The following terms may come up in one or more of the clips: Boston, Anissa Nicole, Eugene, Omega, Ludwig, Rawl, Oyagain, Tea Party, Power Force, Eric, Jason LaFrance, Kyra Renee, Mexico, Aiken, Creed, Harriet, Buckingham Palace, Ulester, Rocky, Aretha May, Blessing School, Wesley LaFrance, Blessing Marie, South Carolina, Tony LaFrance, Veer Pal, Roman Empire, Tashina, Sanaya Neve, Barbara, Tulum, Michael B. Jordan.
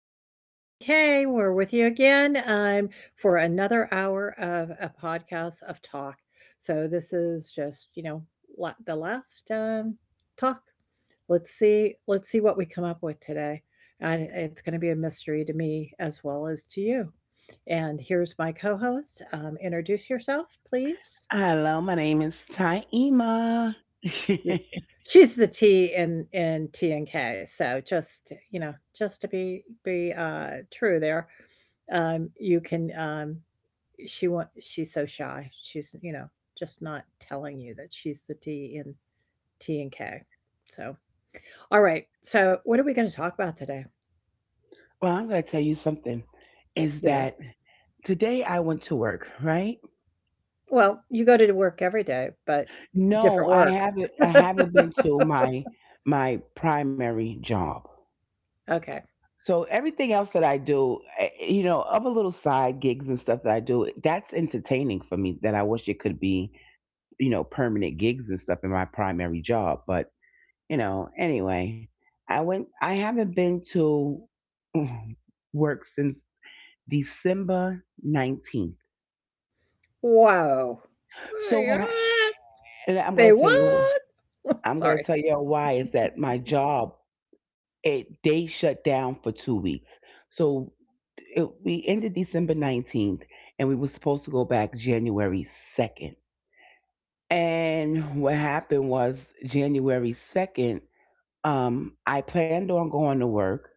This is TNK. We're with you again, for another hour of a podcast of talk. So this is just, you know, la- the last talk. Let's see. Let's see what we come up with today. And it's going to be a mystery to me as well as to you. And here's my co-host. Introduce yourself, please. Hello, my name is Taima. You're She's the T in T and K, so just, you know, just to be true there, you can, she's so shy. She's, you know, just not telling you that she's the T in T and K. So, all right, so what are we gonna talk about today? Well, I'm going to tell you something is Yeah. that today I went to work, right? Well, you go to work every day, but No, different I work. haven't I haven't been to my primary job. Okay. So everything else that I do, other little side gigs and stuff that I do, that's entertaining for me that I wish it could be, permanent gigs and stuff in my primary job, but anyway, I haven't been to work since December 19th. Woah. So why, and I'm Say going to tell you, what? I'm going to Sorry. tell you why is that my job, they shut down for 2 weeks. So we ended December 19th, and we were supposed to go back January 2nd. And what happened was January 2nd, I planned on going to work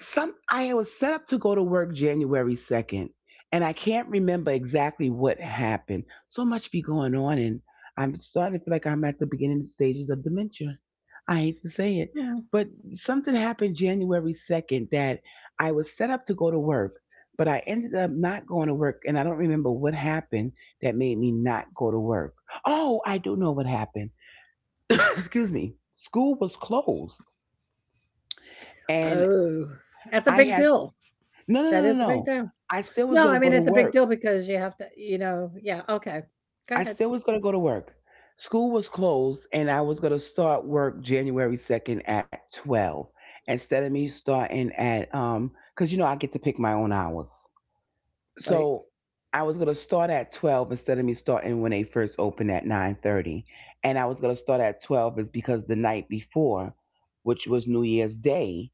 some I was set up to go to work January 2nd, and I can't remember exactly what happened. So much be going on, and I'm starting to feel like I'm at the beginning stages of dementia. I hate to say it, but something happened January 2nd that I was set up to go to work, but I ended up not going to work, and I don't remember what happened that made me not go to work. Oh, I do know what happened. Excuse me. School was closed, and Oh, that's a I big had deal. no, no, no, That no, is a big no. deal. I still was No, I gonna mean, go to it's a big work. deal because you have to, you know, yeah, okay. Go I ahead. still was gonna go to work. School was closed, and I was gonna start work January 2nd at 12 instead of me starting at cause you know I get to pick my own hours. Right. So I was gonna start at 12 instead of me starting when they first opened at 9:30, and I was gonna start at 12 is because the night before, which was New Year's Day,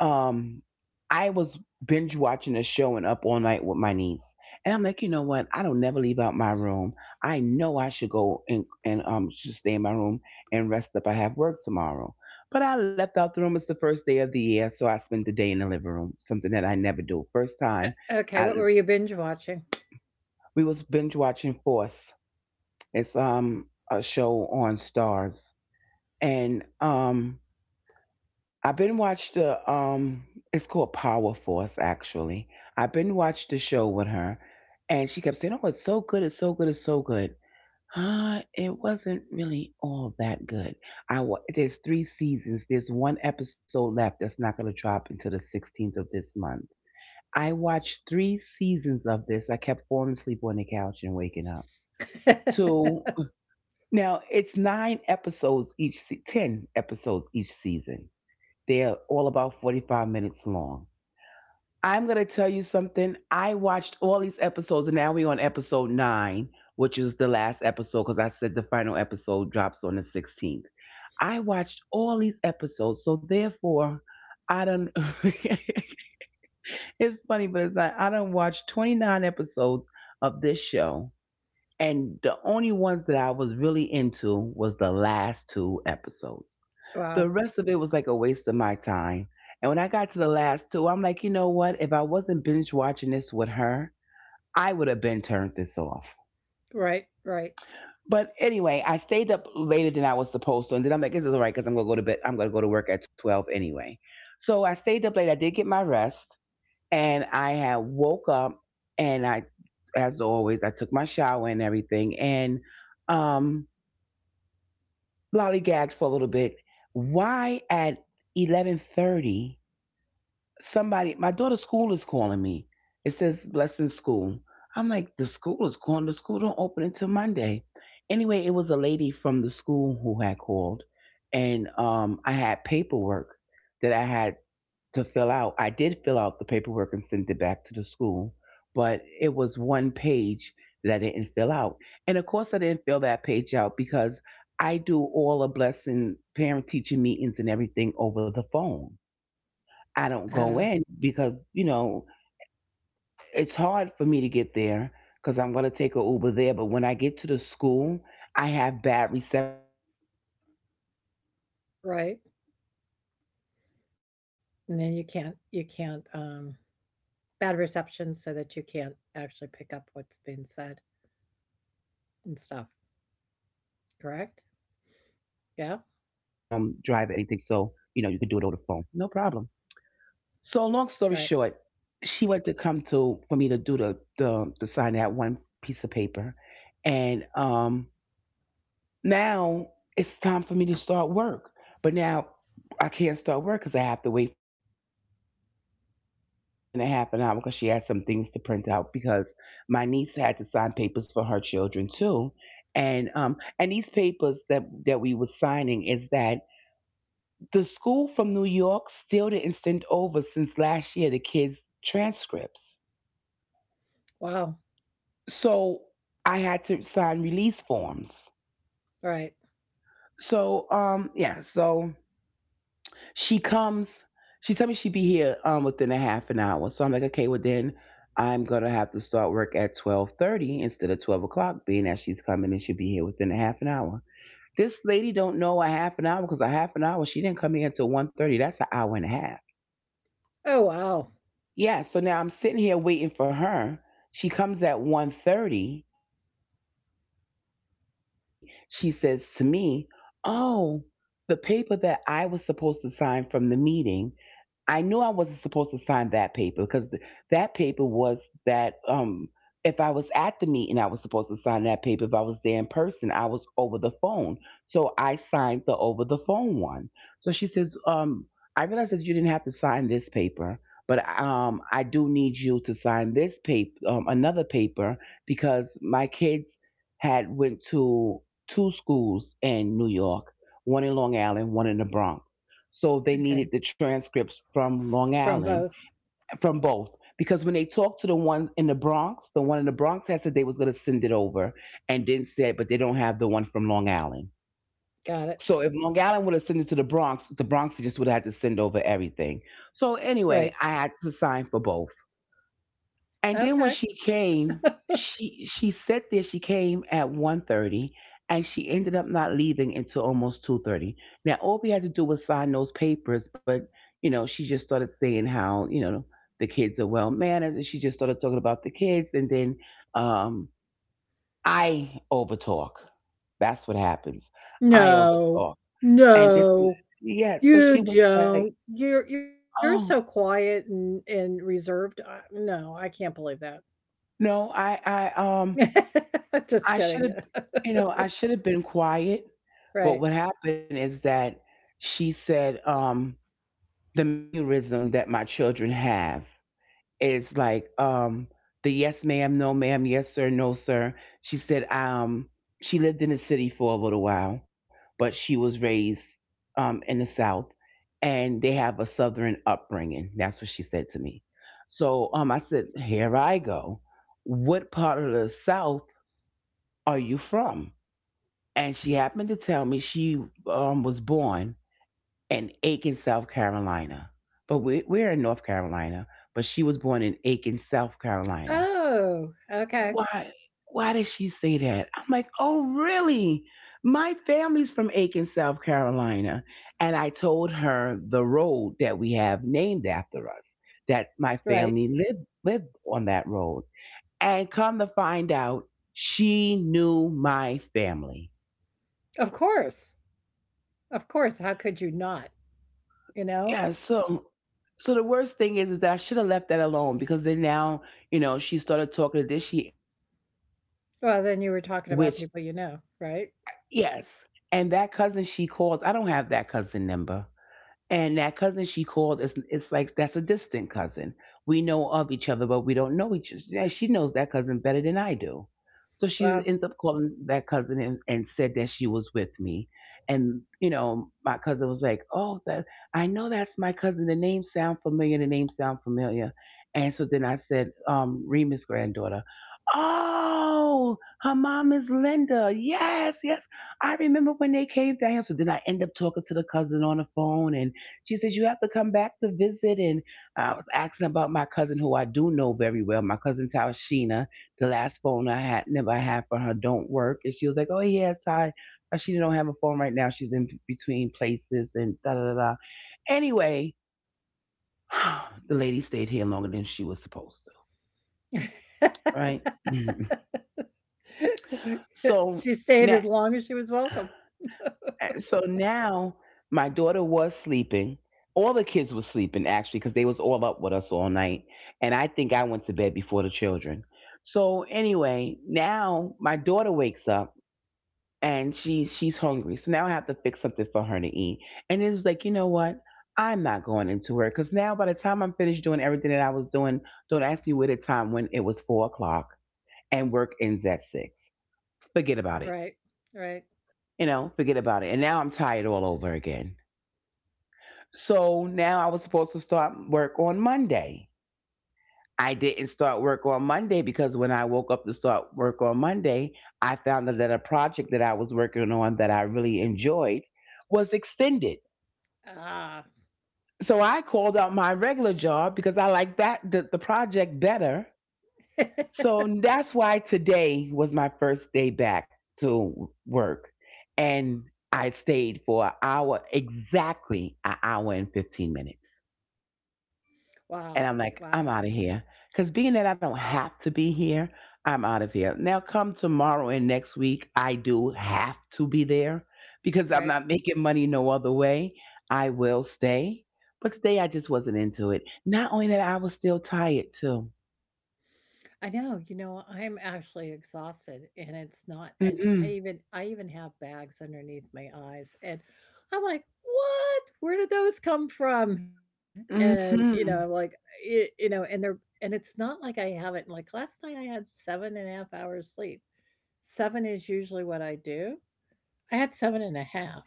um I was binge watching a show and up all night with my niece. And I'm like, you know what? I don't never leave out my room. I know I should go and just stay in my room and rest up. I have work tomorrow. But I left out the room. It's the first day of the year, so I spent the day in the living room, something that I never do. First time. O okay, I what were you binge watching? We was binge watching Force. It's a show on Stars. And I've been watched the it's called Power Force, actually. I've been watched the show with her, and she kept saying, "Oh, it's so good, it's so good, it's so good." It wasn't really all that good. There's three seasons. There's one episode left that's not going to drop until the 16th of this month. I watched three seasons of this. I kept falling asleep on the couch and waking up. Two. Now it's nine episodes each, ten episodes each season. They're all about 45 minutes long. I'm gonna tell you something. I watched all these episodes, and now we're on episode nine, which is the last episode because I said the final episode drops on the 16th. I watched all these episodes, so therefore, I don't. It's funny, but it's not. I don't watch 29 episodes of this show, and the only ones that I was really into was the last two episodes. Wow. The rest of it was like a waste of my time. And when I got to the last two, I'm like, you know what? If I wasn't binge watching this with her, I would have been turned this off. Right, right, But anyway, I stayed up later than I was supposed to, and then I'm like, "This is all right because I'm gonna go to bed. I'm gonna go to work at 12 anyway." So I stayed up late. I did get my rest, and I had woke up, and as always, I took my shower and everything, and um, lollygagged for a little bit. Why at 11:30? Somebody, my daughter's school is calling me. It says Blessing School. I'm like, the school is calling. The school don't open until Monday. Anyway, it was a lady from the school who had called, and I had paperwork that I had to fill out. I did fill out the paperwork and sent it back to the school, but it was one page that I didn't fill out. And of course, I didn't fill that page out because I do all the Blessing parent teacher meetings and everything over the phone. I uh, don't go in because it's hard for me to get there because I'm going to take a Uber there. But when I get to the school, I have bad reception, so it's hard for me to get home. right, To be able It takes a while for me to be able to and get then my you Uber, can't and then you the Uber can't, takes um about 30 bad minutes to reception so come to that you me, can't so it's actually like, pick up so I what's always, being and then said they suggest that, you know, and Miss stuff, Price, we know you don't correct? drive or anything, so you Yeah? know, you could do it over the phone, no problem. So long story short, Right. she wanted to come to for me to do the to sign that one piece of paper, and now it's time for me to start work. But now I can't start work because I have to wait for her to come. She told me she'd be here within a half an hour because she had some things to print out because my niece had to sign papers for her children too. And these papers that we were signing is that the school from New York still didn't send over since last year the kids' transcripts. Wow. So I had to sign release forms. Right. So yeah, so she comes. She told me she'd be here within a half an hour. So I'm like, okay, well then I'm gonna have to start work at 12:30 instead of 12 o'clock, being that she's coming and she'll be here within a half an hour. This lady don't know a half an hour because a half an hour, she didn't come here until 1:30. That's an hour and a half. Oh, wow. Yeah, so now I'm sitting here waiting for her. She comes at 1:30, and then when she came at 1:30, she says to me, "Oh, the paper that I was supposed to sign from the meeting, I knew I wasn't supposed to sign that paper because that paper was that, if I was at the meeting, I was supposed to sign that paper. If I was there in person, I was over the phone. So I signed the over the phone one." So she says, I realized that you didn't have to sign this paper, but I do need you to sign this paper, another paper, because my kids had went to two schools in New York, one in Long Island, one in the Bronx. So they Okay. needed the transcripts from From Long both. Island, from both, because when they talked to the one in the Bronx, the one in the Bronx had said they was going to send it over, and then said, but they don't have the one from Long Island. Got it. So if Long Island would have sent it to the Bronx just would have had to send over everything. So Right. anyway, I had to sign for both. And then when Okay. she came, she said there. She came at 1:30, and she ended up not leaving until almost 2:30. Now all we had to do was sign those papers, but she just started saying how the kids are well mannered, and she just started talking about the kids, and then um, I overtalk. That's what happens. I No. overtalk, and this No. yeah. So You she was like, don't. You're so oh quiet and reserved. I, no, I can't believe that. no, Just I should kidding. have, I should have been quiet. But Right. what happened is that she said, the mannerism that my children have is like, the yes, ma'am, no, ma'am, yes, sir, no, sir. She said, she lived in the city for a little while, but she was raised, in the South, and they have a Southern upbringing. That's what she said to me. So I said, here I go. What part of the South are you from? And she happened to tell me she, was born in Aiken, South Carolina. But we're in North Carolina, but she was born in Aiken, South Carolina. Oh, okay. Why? Why did she say that? I'm like, oh, really? My family's from Aiken, South Carolina. And I told her the road that we have named after us, that Right. my family lived on that road. And come to find out, she knew my family. Of course. Of course. How could you not? You know? Yeah, so the worst thing is that I should have left that alone because then now, she started talking to this. She ended up calling one of my Well, cousins, then you were talking which about people you know, right? yes, and that cousin she calls, I don't have that cousin number. And that cousin she called is, it's like that's a distant cousin. We know of each other, but we don't know each other. Yeah, she knows that cousin better than I do. So she Well, ends up calling that cousin and said that she was with me. And, my cousin was like, "Oh, that I know that's my cousin. The name sound familiar, the name sound familiar." And so then I said, Remus granddaughter. Oh, her mom is Linda. Yes, yes. I remember when they came down. So then I end up talking to the cousin on the phone, and she said, "You have to come back to visit." And I was asking about my cousin, who I do know very well, my cousin Tashina. The last phone I had, never had for her, don't work. And she was like, "Oh, yes, I, Tashina don't have a phone right now. She's in between places and da da da. Da." Anyway, the lady stayed here longer than she was supposed to, right? so She stayed now. as long as she was welcome. And so now my daughter was sleeping. All the kids were sleeping actually because they was all up with us all night. And I think I went to bed before the children. So anyway, now my daughter wakes up and she's hungry. So now I have to fix something for her to eat. And it was like, you know what? I'm not going into work because now by the time I'm finished doing everything that I was doing, don't ask me what the time when it was 4 o'clock and work ends at six. Forget about it. Right, right. You know, forget about it. And now I'm tired all over again. So now I was supposed to start work on Monday. I didn't start work on Monday because when I woke up to start work on Monday, I found out that a project that I was working on that I really enjoyed was extended. Ah. So I called out my regular job because I like that the project better. So that's why today was my first day back to work. And I stayed for an hour, exactly an hour and 15 minutes. Wow, And wow, I'm like, I'm out of here. Because being that I don't have to be here, I'm out of here. Now, come tomorrow and next week, I do have to be there because I'm right. not making money no other way. I will stay. But today, I just wasn't into it. Not only that, I was still tired too. I know, you know, I'm actually exhausted and it's not and I Mm-mm. even I even have bags underneath my eyes and I'm like, "What? Where did those come from?" And you know, like Mm-hmm. it, you know, and they're and it's not like I haven't like last night I had seven and a half hours sleep. Seven is usually what I do. I had seven and a half,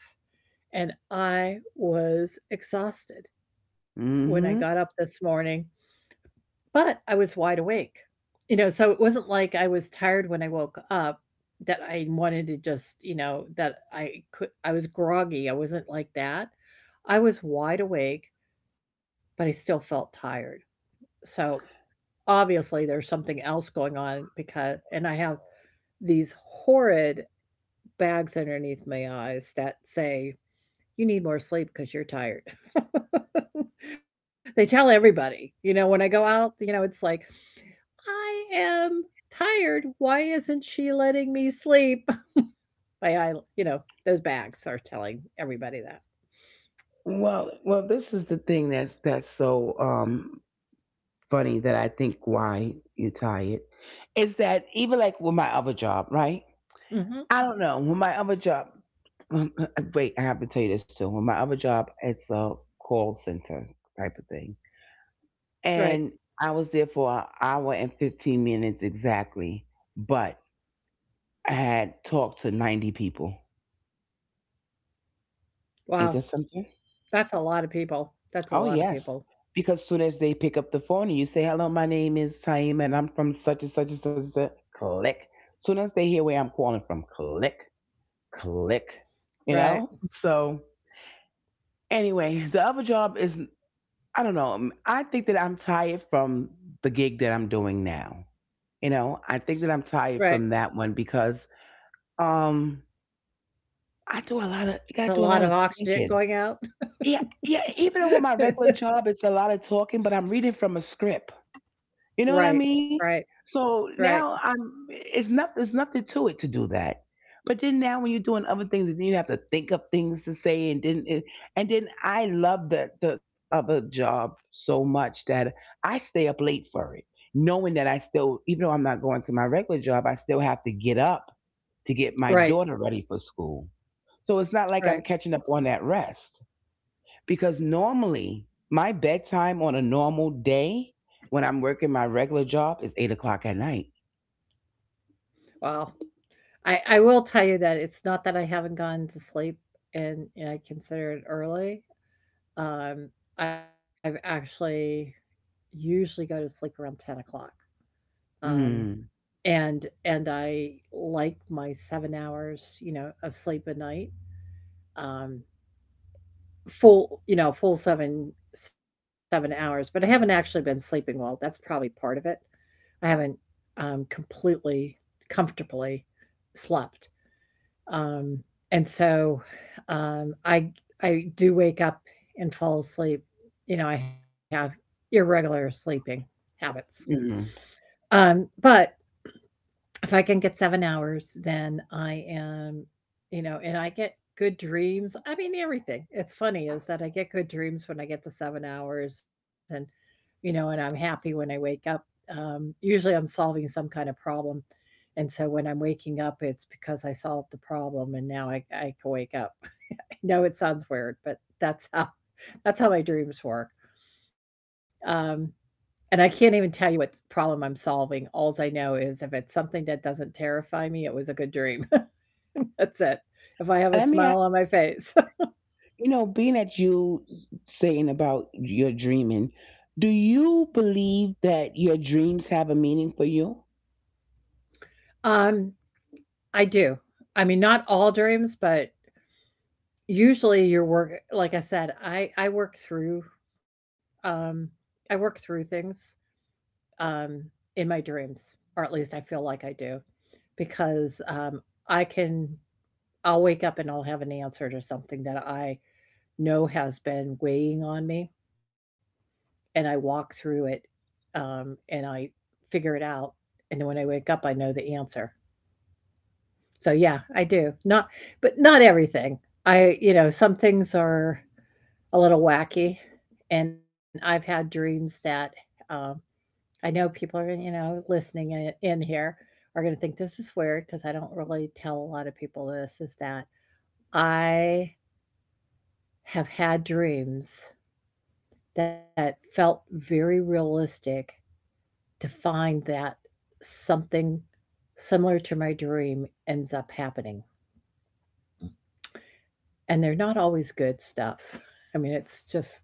and I was exhausted when I got up Mm-hmm. this morning, but I was wide awake. You know, so it wasn't like I was tired when I woke up that I wanted to just, you know, that I could I was groggy. I wasn't like that. I was wide awake, but I still felt tired. So, obviously there's something else going on because and I have these horrid bags underneath my eyes that say you need more sleep because 'cause you're tired. They tell everybody, you know, when I go out, you know, it's like, "I am tired. Why isn't she letting me sleep?" My eye you know, those bags are telling everybody that. Well, well, this is the thing that's so funny that I think why you're tired is that even like with my other job, right? Mhm. I don't know. When my other job, wait, I have to tell you this too. When my other job, it's a call center type of thing, Right. and I was there for an hour and 15 minutes exactly, but I had talked to 90 people. Wow. Ain't that something? That's a lot of people. That's a lot of Oh people. yes, because soon as they pick up the phone and you say, "Hello, my name is Taima, and I'm from such and such and such,", and such click. Soon as they hear where I'm calling from, click, click. Right. You know. So anyway, the other job is, I don't know. I think that I'm tired from the gig that I'm doing now. You know, I think that I'm Right. tired from that one because um I do a lot It's of a you lot gotta of do a lot of oxygen going thinking. out. Yeah, yeah, even with my regular job it's a lot of talking, but I'm reading from a script. Right. You know what I Right. mean? So Right. now I'm, it's not, there's nothing to it to do that. But then now when you're doing other things and then you have to think of things to say and then I love the other job so much that I stay up late for it. Knowing that I still, even though I'm not going to my regular job, I still have to get up to get Right. my daughter ready for school. So it's not like Right. I'm catching up on that rest because normally my bedtime on a normal day when I'm working my regular job is 8 o'clock at night. Wow. I will tell you that it's not that I haven't gone to sleep and I consider it early. Um, I've actually usually go to sleep around 10 o'clock. Um, Mm. and I like my 7 hours, you know, of sleep a night. Um, full, you know, full seven hours. But I haven't actually been sleeping well. That's probably part of it. I haven't, completely comfortably slept. Um, and so, um, I I do wake up and fall asleep. You know, I have irregular sleeping habits. Mm. But if I can get 7 hours, then I am, you know, and I get good dreams. I mean, everything. It's funny is that I get good dreams when I get the 7 hours and, you know, and I'm happy when I wake up. Usually I'm solving some kind of problem. And so when I'm waking up, it's because I solved the problem and now I can wake up. I know it sounds weird, but that's how that's how my dreams work. Um, and I can't even tell you what problem I'm solving. Alls I know is if it's something that doesn't terrify me, it was a good dream. That's it. If I have a Let me, ask- smile on my face. you know, being that you saying about your dreaming, do you believe that your dreams have a meaning for you? Um, I do. I mean, not all dreams, but usually your work, like I said, um, I work through things, um, in my dreams, or at least I feel like I do because, I can, I'll wake up and I'll have an answer to something that I know has been weighing on me and I walk through it, and I figure it out, and then when I wake up, I know the answer. So yeah, I do. Not but not everything. I you know, some things are a little wacky, and I've had dreams that, um, I know people are, you know, listening in here are gonna think this is weird because I don't really tell a lot of people this, is that I have had dreams that felt very realistic to find that something similar to my dream ends up happening. And they're not always good stuff. I mean, it's just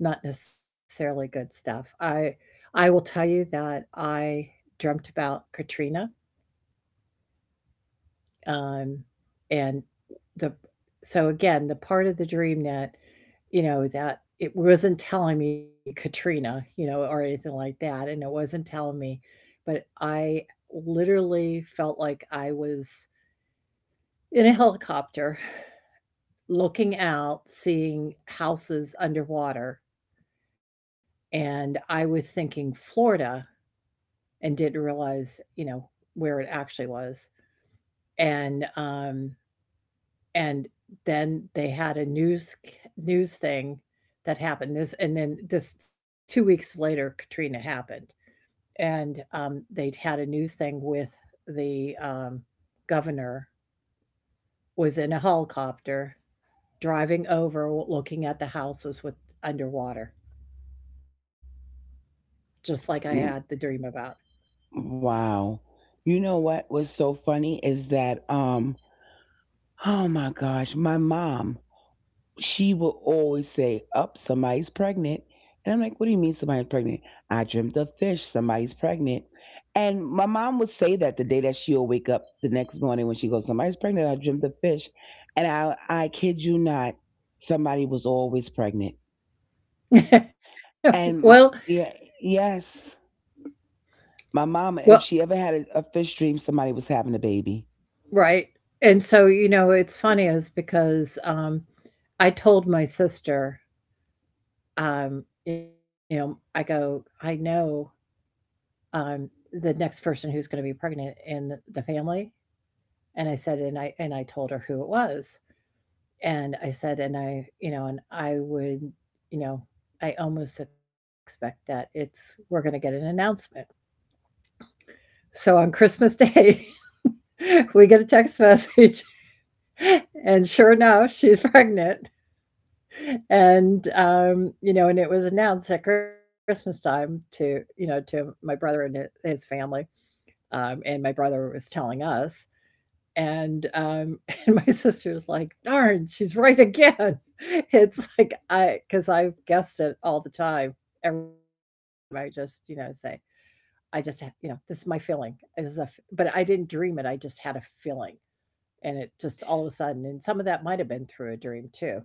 not necessarily good stuff. I will tell you that I dreamt about Katrina, um, and the so again the part of the dream that you know that it wasn't telling me Katrina, you know, or anything like that, and it wasn't telling me, but I literally felt like I was in a helicopter, looking out, seeing houses underwater, and I was thinking Florida and didn't realize, you know, where it actually was, and, um, and then they had a news thing that happened this and then this 2 weeks later, Katrina happened, and, they'd had a news thing with the, governor was in a helicopter driving over, looking at the houses with underwater, just like I had the Mm. dream about. Wow. You know what was so funny is that, oh my gosh, my mom, she will always say, "Up, somebody's pregnant." And I'm like, "What do you mean somebody's pregnant?" "I dreamt of fish, somebody's pregnant." And my mom would say that the day that she'll wake up the next morning when she goes, "Somebody's pregnant, I dreamt of fish." And I kid you not, somebody was always pregnant. And my Well, Yeah, yes. My mama, if she well, ever had a fish dream, somebody was having a baby. right. And so, you know, it's funny is because I told my sister, you know, I go, I know um, the next person who's going to be pregnant in the family, and I said, and I told her who it was, and I said, you know, and I would, you know, I almost expect that it's we're going to get an announcement. So on Christmas Day, we get a text message, and sure enough, she's pregnant. And you know, and it was announced at Christmas time to you know to my brother and his family, and my brother was telling us. And and my sister's like, "Darn, she's right again." It's like I, because I've guessed it all the time. Every time I just, you know, say, "I just, ha- you know, this is my feeling." This is a, f- but I didn't dream it. I just had a feeling. And it just all of a sudden and some of that might have been through a dream too.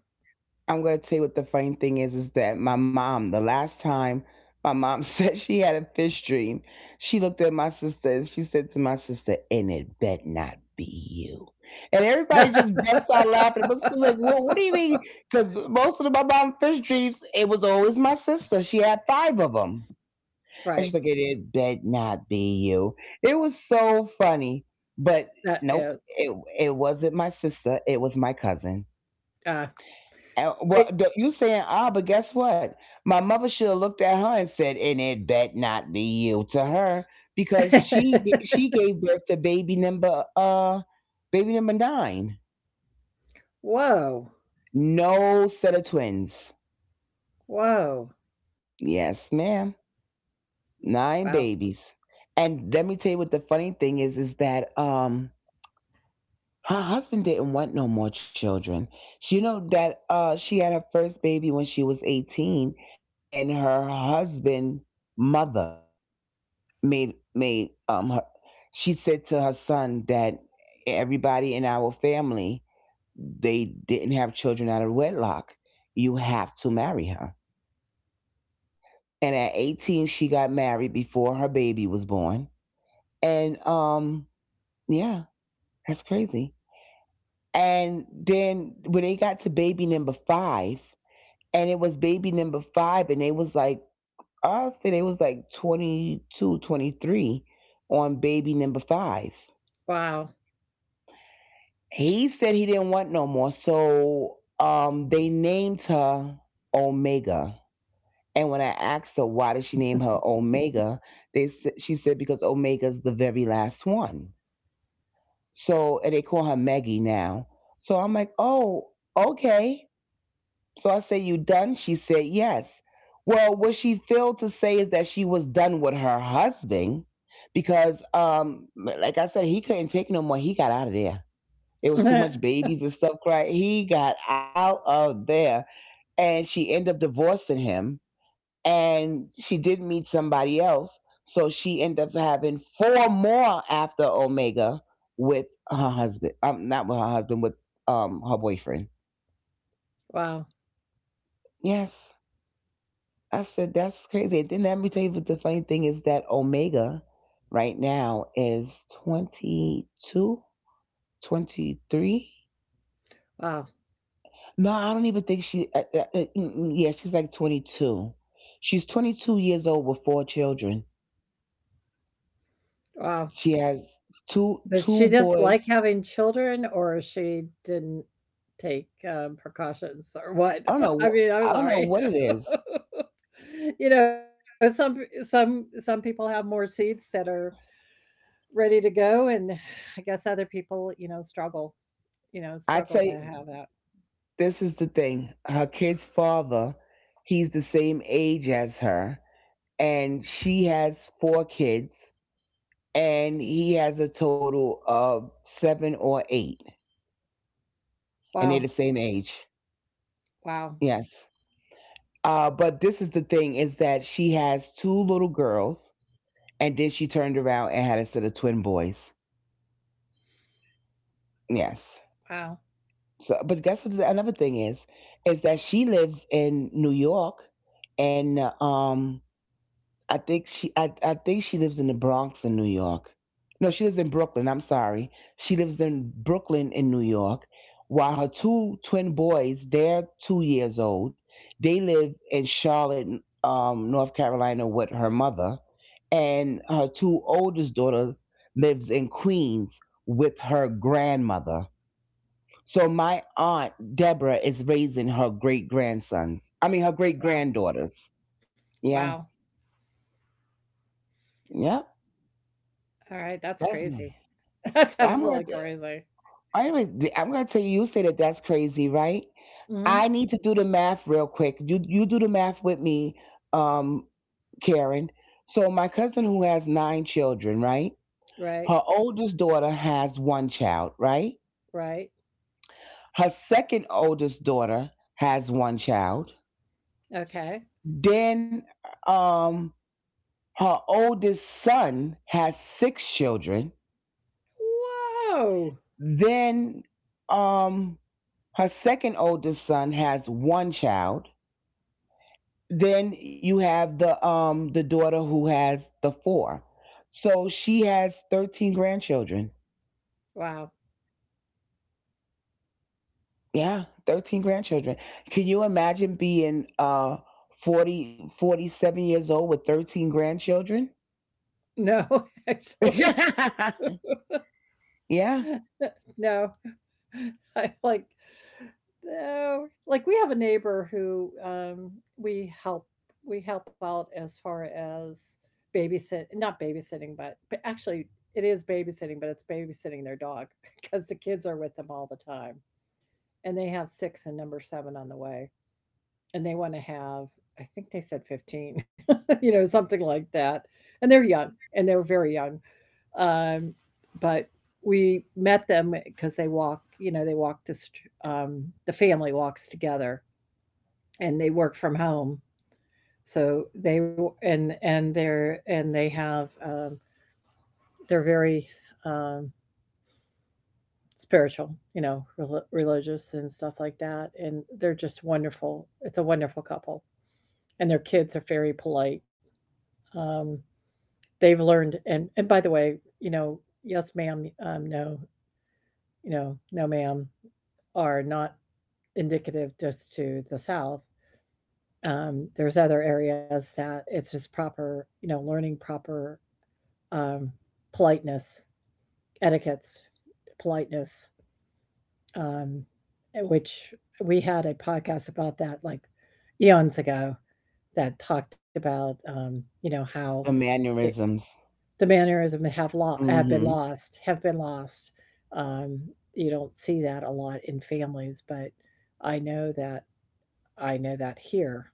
I'm going to tell you what the funny thing is that my mom, the last time my mom said she had a fish dream, she looked at my sister and she said to my sister, "And it bet not be you." And everybody just busts out laughing. My sister's like, "Well, what do you mean?" Because most of my mom's fish dreams, it was always my sister. She had five of them. Right. And she's like, "And it bet not be you." It was so funny. But That nope, is, it wasn't my sister. It was my cousin. uh, And, it well, you saying, ah, but guess what? My mother should have looked at her and said, "And it bet not be you" to her because she gave birth to baby number nine. Whoa. No set of twins. Whoa. Yes, ma'am. Wow. Nine babies. And let me tell you what the funny thing is that her husband didn't want no more children. She, you know that she had her first baby when she was 18, and her husband mother made her, she said to her son that everybody in our family, they didn't have children out of wedlock, you have to marry her. And at 18 she got married before her baby was born. And yeah, that's crazy. And then when they got to baby number 5, and it was baby number 5, and they was like, I say they was like 22, 23, on baby number 5. Wow. He said he didn't want no more. So they named her Omega. And when I asked her why did she name her Omega, she said because Omega's the very last one. So and they call her Maggie now. So I'm like, oh, okay. So I say, you done? She said yes. Well, what she failed to say is that she was done with her husband because, like I said, he couldn't take no more. He got out of there. It was too much babies and stuff crying. He got out of there and she ended up divorcing him and she did meet somebody else. So she ended up having four more after Omega with her husband. Not with her husband, with her boyfriend. Wow. Yes. I said that's crazy. And then let me tell you what the funny thing is that Omega right now is 22, 23. Wow. No, I don't even think she. Yeah, she's like 22. She's 22 years old with four children. Wow. She has two Did two she just boys. like having children or she didn't take, precautions or what? I don't know. I mean, I'm I don't know sorry. what it is. You know, some people have more seeds that are ready to go, and I guess other people, you know, I struggle tell to you, have that. this is the thing. Her kid's father, he's the same age as her, and she has four kids, and he has a total of seven or eight, and they're the Wow, same age. wow, Yes. But this is the thing: is that she has two little girls. And then she turned around and had a set of twin boys. Yes. wow, So, but guess what? Another thing is that she lives in New York, and I think she lives in the Bronx in New York. No, she lives in Brooklyn. I'm sorry. She lives in Brooklyn in New York. While her two twin boys, they're 2 years old. They live in Charlotte, North Carolina with her mother. And her two oldest daughters lives in Queens with her grandmother. So my aunt Deborah is raising her great grandsons. I mean her great wow, granddaughters. Yeah. wow. Yep. All right, that's That's crazy. That's I'm gonna, absolutely crazy. I'm gonna, I'm gonna tell you. You say that that's crazy, right? I Mhm. need to do the math real quick. You do the math with me, um, Karen. So my cousin who has nine children, right? Right, Her oldest daughter has one child, right? right. Her second oldest daughter has one child. Okay. Then, um, her oldest son has six children. Whoa. Then, um, her second oldest son has one child. Then you have the daughter who has the four. So she has 13 grandchildren. Wow. Yeah, 13 grandchildren. Can you imagine being 40 47 years old with 13 grandchildren? No, actually. Yeah, the No. I, like no. Like, we have a neighbor who, we help we help out as far as babysit not babysitting, but actually, it is babysitting, but it's babysitting their dog because the kids are with them all the time, and they have 6 and number 7 on the way, and they wanna have I think they said 15, you know, something like that, and they're young, and they're very young. Um, but we met them because they walk, you know, they walk this, the family walks together and they work from home. So they, and they're, and they have, they're very, um, spiritual, you know, rel religious and stuff like that. And they're just wonderful. It's a wonderful couple. And their kids are very polite. Um, they've learned, and by the way, you know, yes, ma'am, no, you know, no, ma'am, are not indicative just to the South. There's other areas that it's just proper, you know, learning proper um, politeness, etiquettes, politeness, um, eh, which we had a podcast about that like eons ago that talked about, you know, how it, mannerisms. the mannerism have have been Mhm. lost, have been lost. Um, you don't see that a lot in families, but I know that I know that here.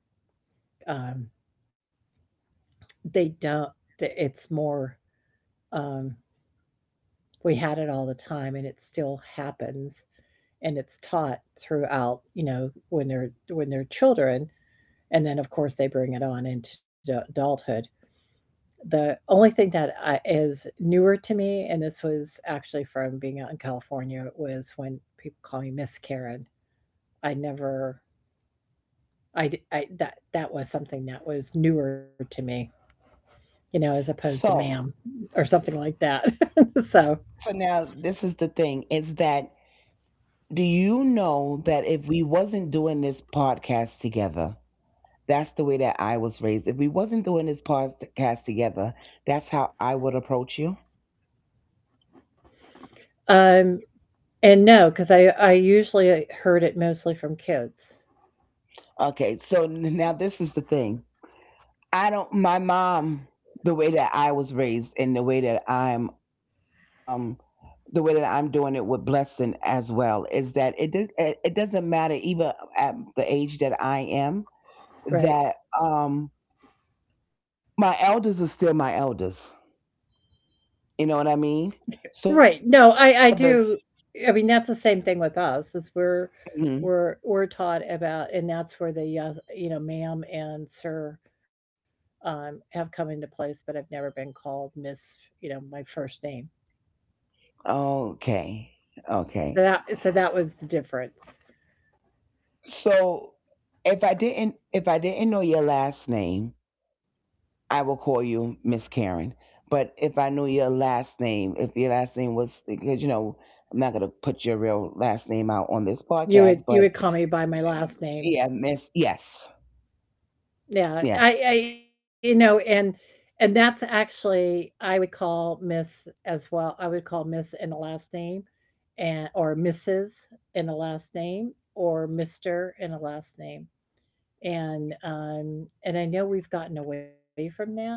Um, They don't th it's more, um, we had it all the time and it still happens, and it's taught throughout, you know, when they're children, and then, of course, they bring it on into the adulthood. The only thing that I is newer to me, and this was actually from being out in California, was when people call me Miss Karen. I never I d I That that was something that was newer to me, you know, as opposed to So, ma'am or something like that. So so now this is the thing, is that do you know that if we wasn't doing this podcast together, that's the way that I was raised. If we wasn't doing this podcast together, that's how I would approach you. Um, and no, because I usually heard it mostly from kids, Okay, so now this is the thing. I don't, my mom, the way that I was raised and um the way that I'm doing it with Blessing as well, is that it doesn't matter, even at the age that I am, right. that my elders are still my elders. You know what I mean? So Right, no, my I mother's, do. I mean, that's the same thing with us is we're mhm, we're we're taught about, and that's where the yes, you know, ma'am and sir, have come into place, but I've never been called Miss, you know, my first name. okay. Okay. So that was the difference. So if I didn't know your last name, I would call you Miss Karen. But if I knew your last name, if your last name was, because you know, I'm not gonna put your real last name out on this podcast, You but would call me by my last yeah, name. Miss, yes, yes. Yeah, I you know, and that's actually I would call Miss as well. I would call Miss in the last name and or Mrs. in the last name or Mr. in the last name and I know we've gotten away from that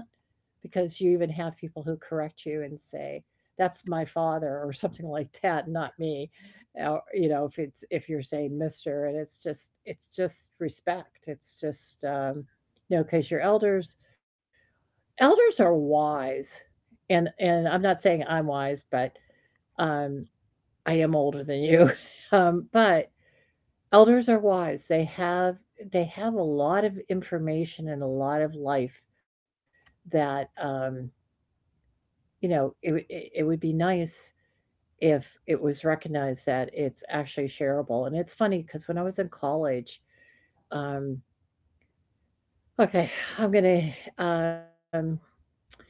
because you even have people who correct you and say that's my father or something like that, not me. Or, you know, if you're saying Mister, and it's just respect. It's just you know, because your elders are wise, and I'm not saying I'm wise, but um, I am older than you, but elders are wise. They have a lot of information and a lot of life that, you know, it it would be nice if it was recognized that it's actually shareable. And it's funny because when I was in college, um, okay, I'm gonna, um,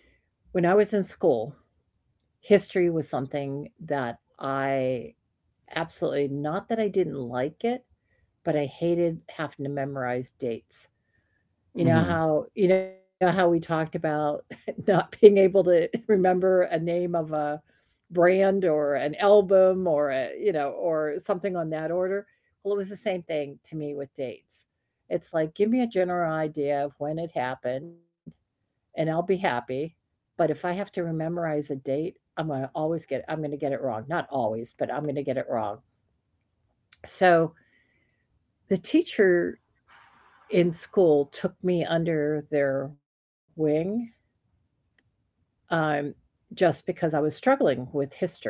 when I was in school, history was something that I absolutely, not that I didn't like it, but I hated having to memorize dates. Hmm. You know how we talked about not being able to remember a name of a brand or an album or a, you know, or something on that order? Well, it was the same thing to me with dates. It's like, give me a general idea of when it happened and I'll be happy. But if I have to memorize a date, I'm going to get it wrong. Not always, but I'm going to get it wrong. So, the teacher in school took me under their wing, um, just because I was struggling with history.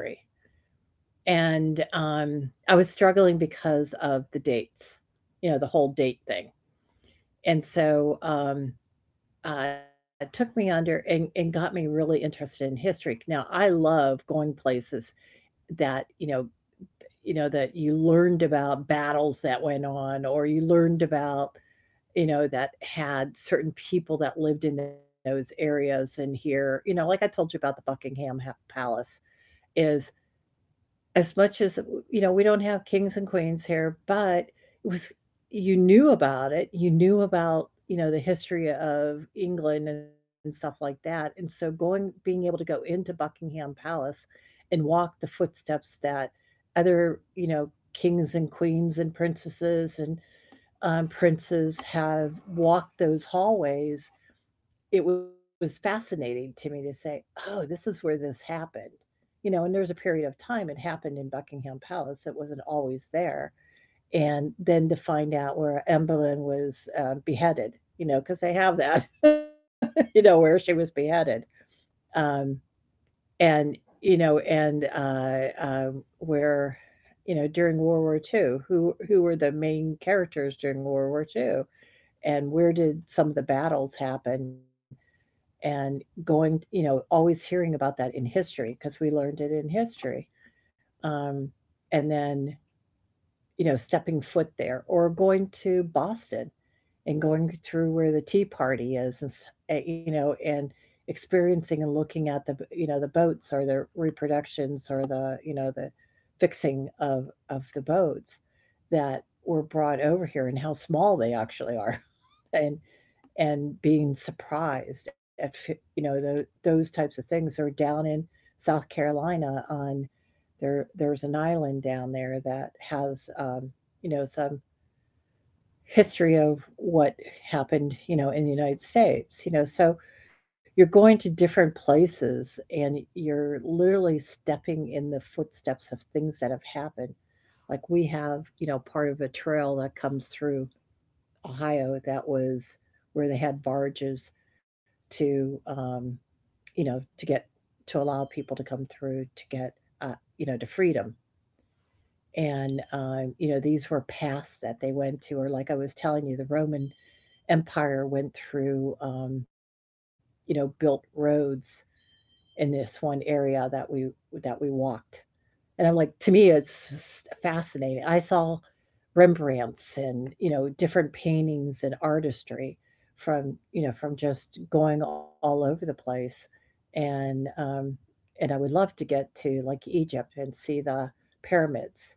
And I was struggling because of the dates, you know, the whole date thing. And so took me under, and got me really interested in history. Now I love going places that, you know that you learned about battles that went on, or you learned about, you know, that had certain people that lived in those areas. And here, you know, like I told you about the Buckingham Palace is, as much as you know, we don't have kings and queens here, but it was, you knew about it, you knew about, you know, the history of England and stuff like that. And so going, being able to go into Buckingham Palace and walk the footsteps that other, you know, kings and queens and princesses and princes have walked those hallways, it was fascinating to me to say, "Oh, this is where this happened." You know, and there was a period of time it happened in Buckingham Palace, it wasn't always there. And then to find out where Anne Boleyn was, beheaded, you know, because they have that, you know, where she was beheaded. Um, and, you know, and, where, you know, during World War II, who were the main characters during World War II, and where did some of the battles happen? And going, you know, always hearing about that in history because we learned it in history. Um, and then, you know, stepping foot there or going to Boston and going through where the Tea Party is, you know, and experiencing and looking at the, you know, the boats or the reproductions, or the, you know, the fixing of the boats that were brought over here and how small they actually are. And and being surprised at, you know, those types of things are down in South Carolina. On there's an island down there that has, you know, some history of what happened, you know, in the United States, you know. So you're going to different places and you're literally stepping in the footsteps of things that have happened. Like we have, you know, part of a trail that comes through Ohio that was where they had barges to, you know, to allow people to come through to get, uh, you know, to freedom. And, you know, these were paths that they went to, or like I was telling you, the Roman Empire went through, you know, built roads in this one area that we walked. And I'm like, to me, it's just fascinating. I saw Rembrandts and, you know, different paintings and artistry from, you know, from just going all over the place. And and I would love to get to like Egypt and see the pyramids,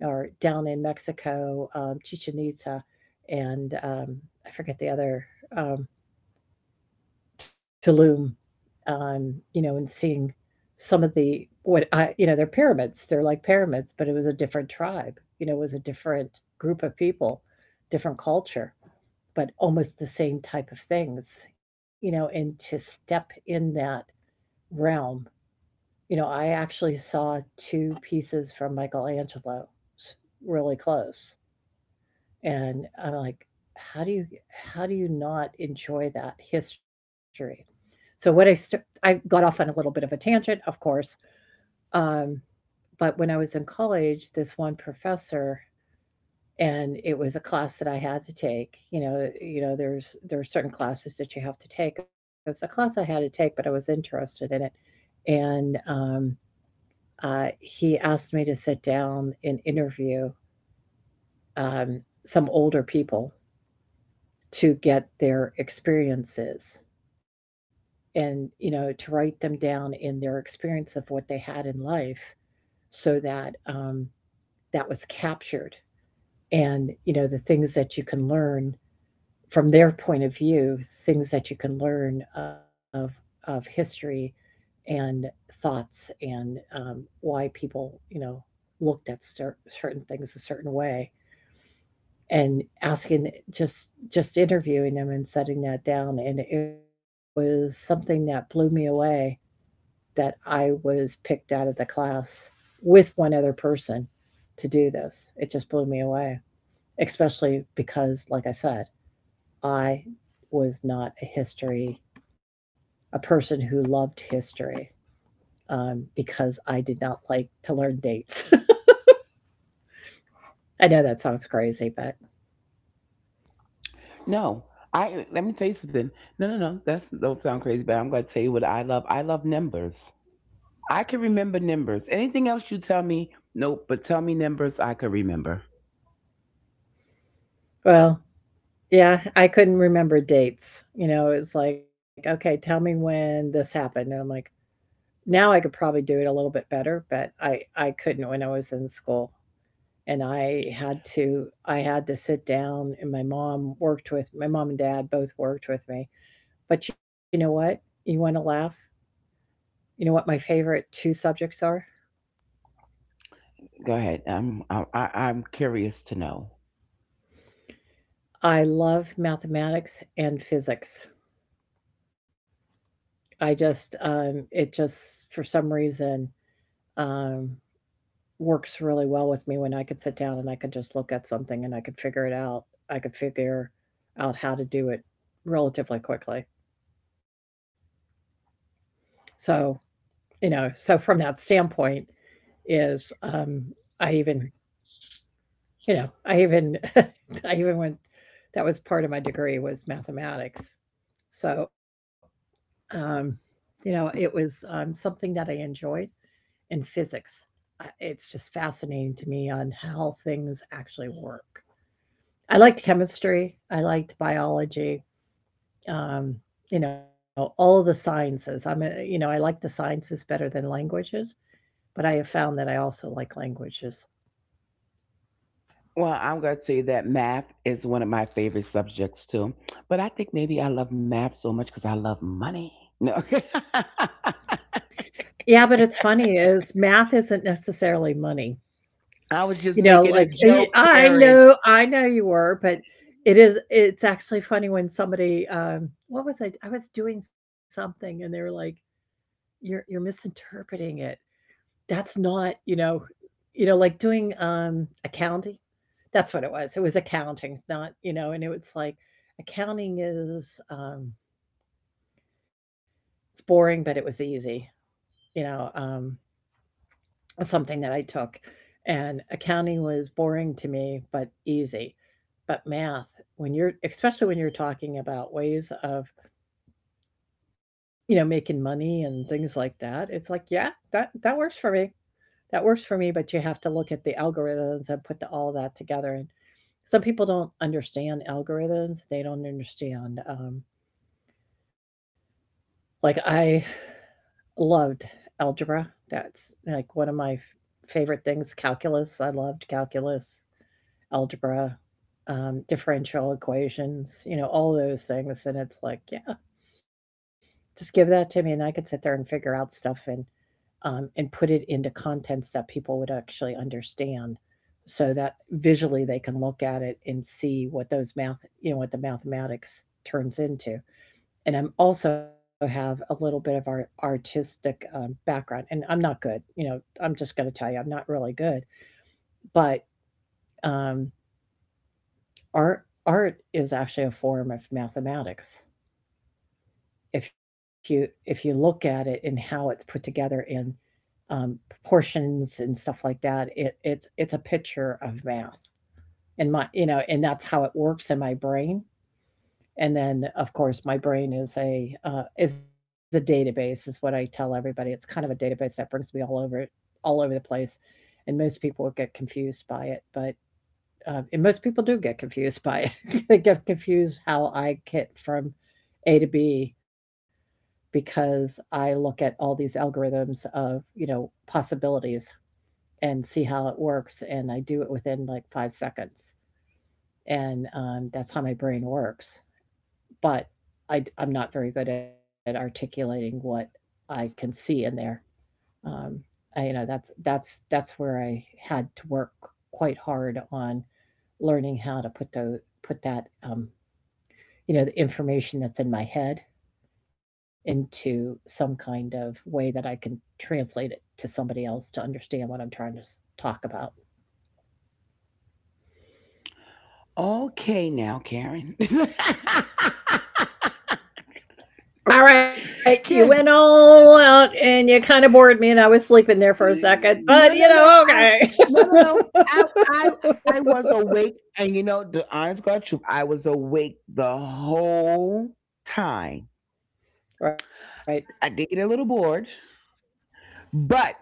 or down in Mexico, Chichen Itza, and I forget the other um Tulum, you know, and seeing some of the, what I, you know, they're pyramids. They're like pyramids, but it was a different tribe. You know, it was a different group of people, different culture, but almost the same type of things, you know. And to step in that realm, you know, I actually saw two pieces from Michelangelo's really close, and I'm like, how do you how do you not enjoy that history? So what I got off on a little bit of a tangent, of course. Um, but when I was in college, this one professor, and it was a class that I had to take. You know, there are certain classes that you have to take. It was a class I had to take, but I was interested in it. And he asked me to sit down and interview, um, some older people to get their experiences, and, you know, to write them down in their experience of what they had in life, so that, that was captured, and, you know, the things that you can learn from their point of view, things that you can learn of history, and thoughts, and why people, you know, looked at certain things a certain way, and asking, just just interviewing them and setting that down, and it was something that blew me away that I was picked out of the class with one other person to do this. It just blew me away, especially because, like I said, I was not a person who loved history, because I did not like to learn dates. I know that sounds crazy, but No, I let me tell you something. No, no, no. That's, don't sound crazy, but I'm gonna tell you what I love. I love numbers. I can remember numbers. Anything else you tell me, nope. But tell me numbers, I can remember. well, yeah, I couldn't remember dates. You know, it's like, okay, tell me when this happened. And I'm like, now I could probably do it a little bit better, but I couldn't when I was in school. And I had to sit down, and my mom worked with, my mom and dad both worked with me. But you know what? You want to laugh? You know what my favorite two subjects are? Go ahead. I'm curious to know. I love mathematics and physics. I just it just for some reason um works really well with me when I could sit down and I could just look at something and I could figure it out. I could figure out how to do it relatively quickly. So, you know, so from that standpoint is, I even, you know, I even I even went that was part of my degree was mathematics. So, um you know, it was, something that I enjoyed in physics. It's just fascinating to me on how things actually work. I liked chemistry, I liked biology, um, you know, all of the sciences. I'm a, you know, I like the sciences better than languages, but I have found that I also like languages. Well, I'm going to tell you that math is one of my favorite subjects too. But I think maybe I love math so much because I love money. No. Yeah, but it's funny is math isn't necessarily money. I was just You know, making a like, joke, I Karen. know, I know you were, but it's actually funny when somebody, what was I was doing something and they were like, you're misinterpreting it." That's not, you know, you know, like doing, accounting? That's what it was. It was accounting, not and it was like accounting is, it's boring, but it was easy, you know, um, something that I took, and accounting was boring to me, but easy. But math, when you're especially when you're talking about ways of, making money and things like that, it's like, yeah, that works for me. That works for me, but you have to look at the algorithms and put all that together. And some people don't understand algorithms. They don't understand. Like I loved algebra. That's like one of my favorite things. Calculus. I loved calculus, algebra, differential equations. All those things. And it's like, yeah, just give that to me, and I could sit there and figure out stuff. And put it into contents that people would actually understand so that visually they can look at it and see what those math you know what the mathematics turns into. And I'm also have a little bit of our artistic background, and I'm not good. I'm just going to tell you I'm not really good, but um, art is actually a form of mathematics if you look at it and how it's put together and proportions and stuff like that. It's a picture of math, and my you know, and that's how it works in my brain. And then, of course, my brain is a database is what I tell everybody. It's kind of a database that brings me all over, all over the place, and most people would get confused by it, but. And most people do get confused by it. They get confused how I get from A to B because I look at all these algorithms of, possibilities and see how it works. And I do it within like 5 seconds. And that's how my brain works. But I am not very good at articulating what I can see in there. Um, that's where I had to work quite hard on learning how to put that, the information that's in my head into some kind of way that I can translate it to somebody else to understand what I'm trying to talk about. Okay, now, Karen. All right, you Ka- went all out and you kind of bored me, and I was sleeping there for a second, No, no, but no. No, okay. no, no. I, I, I was awake, and you know, the honest God truth, I was awake the whole time. Right. I did get a little bored. But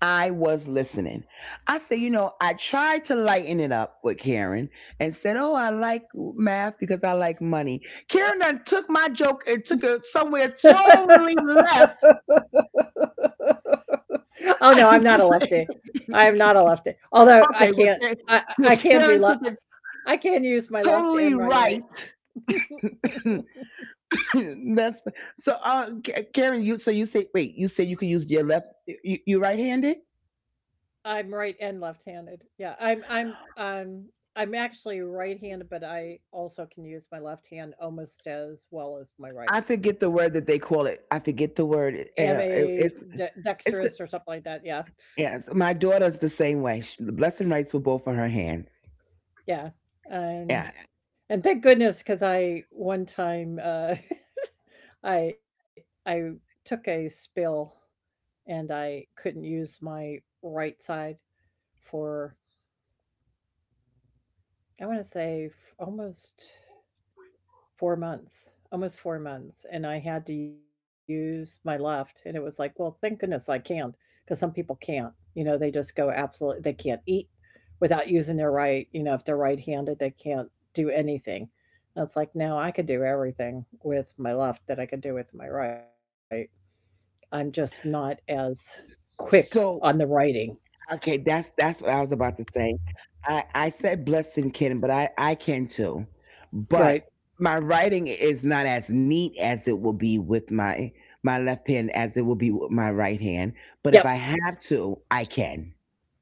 I was listening. I said, you know, I tried to lighten it up with Karen and said, oh, I like math because I like money. Karen done took my joke and took it somewhere totally left. Okay, Okay. I have to, well, can't. Karen I, I Karen took lo- it I can use my left totally and my right. right. That's so. K- Karen, you, so you say, wait, you say you can use your left, you right-handed. I'm right and left-handed. Yeah, I'm actually right-handed, but I also can use my left hand almost as well as my right. I forget the word that they call it. I forget the Am word. A it's dexterous it's or something like that. Yeah, yes, my daughter's the same way. She, the Blessing, rights with both of her hands. yeah. Um, Yeah. and thank goodness because I one time I took a spill, and I couldn't use my right side for I want to say almost 4 months. Almost 4 months, and I had to use my left, and it was like, well, thank goodness I can because some people can't. They just go absolutely they can't eat without using their right, if they're right-handed, they can't do anything. And it's like, no, I could do everything with my left that I could do with my right. I'm just not as quick on the So writing. okay, that's what I was about to say. I said Blessing can, but I can too. Right. But my writing is not as neat as it will be with my left hand as it will be with my right hand. Yep, But if I have to, I can.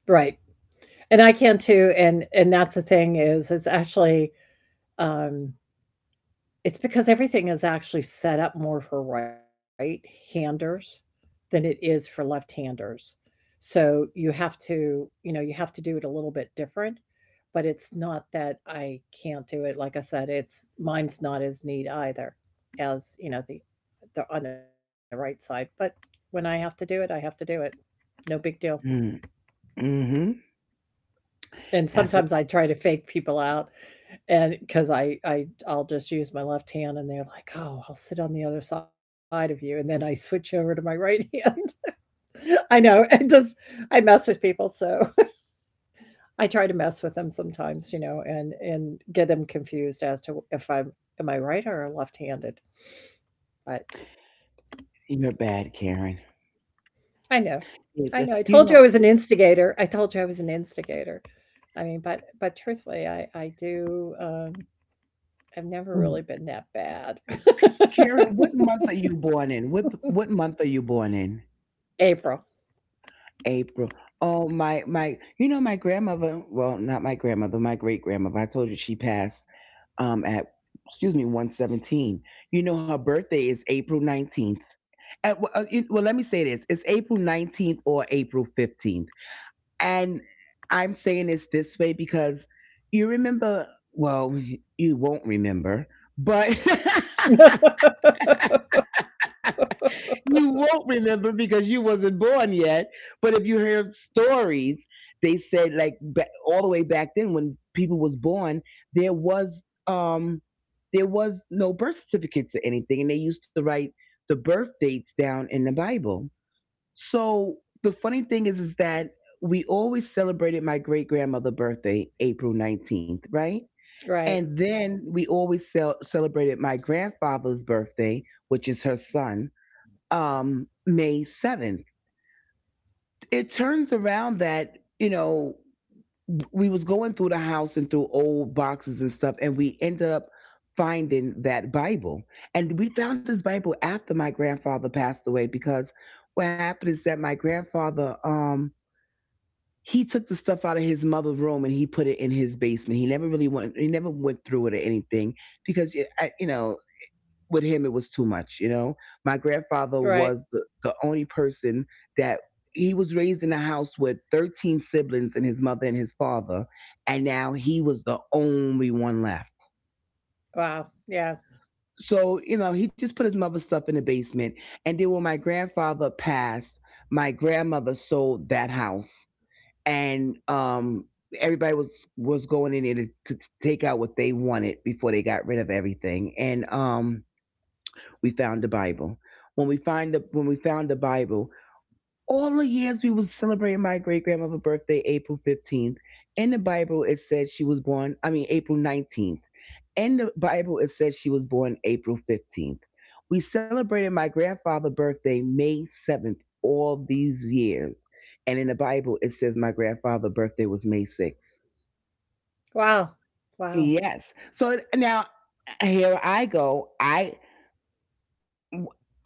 right. And I can too, and that's the thing, is actually, um, it's because everything is actually set up more for right-handers than it is for left-handers. So you have to do it a little bit different. But it's not that I can't do it. Like I said, it's mine's not as neat either as, the on the right side. But when I have to do it, I have to do it. No big deal. Mm. Mm-hmm. And That's what. sometimes I try to fake people out, and because I'll just use my left hand, and they're like, "Oh, I'll sit on the other side of you," and then I switch over to my right hand. I know, it just I mess with people, so I try to mess with them sometimes, and get them confused as to if I'm am I right or left-handed. But You're bad, Karen. I know, I know. I Yes, told you I you was an know, instigator. I told you I was an instigator. I mean, but truthfully, I do. I've never really been that bad. Karen, what month are you born in? What month are you born in? April. April. Oh, my you know, my grandmother, well not my grandmother, my great grandmother, I told you she passed at, excuse me, 117. You know, her birthday is April 19th. At, well, let me say this. It's April 19th or April 15th. And I'm saying this way because you remember well, you won't remember, but you won't remember because you wasn't born yet. But if you hear stories, they said, like, all the way back then when people was born, there was, um, no birth certificates or anything, and they used to write the birth dates down in the Bible. So the funny thing is that we always celebrated my great grandmother's birthday, April 19th, right? Right. And then we always celebrated my grandfather's birthday, which is her son, May 7th. It turns around that, you know, we was going through the house and through old boxes and stuff, and we ended up finding that Bible. And we found this Bible after my grandfather passed away because what happened is that my grandfather, he took the stuff out of his mother's room and he put it in his basement. He never really went, he never went through it or anything because, you I- you know, with him, it was too much. You know, my Right. grandfather was the only person, that he was raised in a house with 13 siblings and his mother and his father, and now he was the only one left. Wow. Yeah. So, you know, he just put his mother's stuff in the basement, and then when my grandfather passed, my grandmother sold that house. And everybody was going in there to, take out what they wanted before they got rid of everything. And we found the Bible. When we found the Bible, all the years we was celebrating my great grandmother's birthday, April 15th. In the Bible, it said she was born, I mean, April 19th. In the Bible, it says she was born April 15th. We celebrated my grandfather's birthday May 7th, all these years, and in the Bible, it says my grandfather's birthday was May 6th. Wow. Wow. Yes. So now here I go. I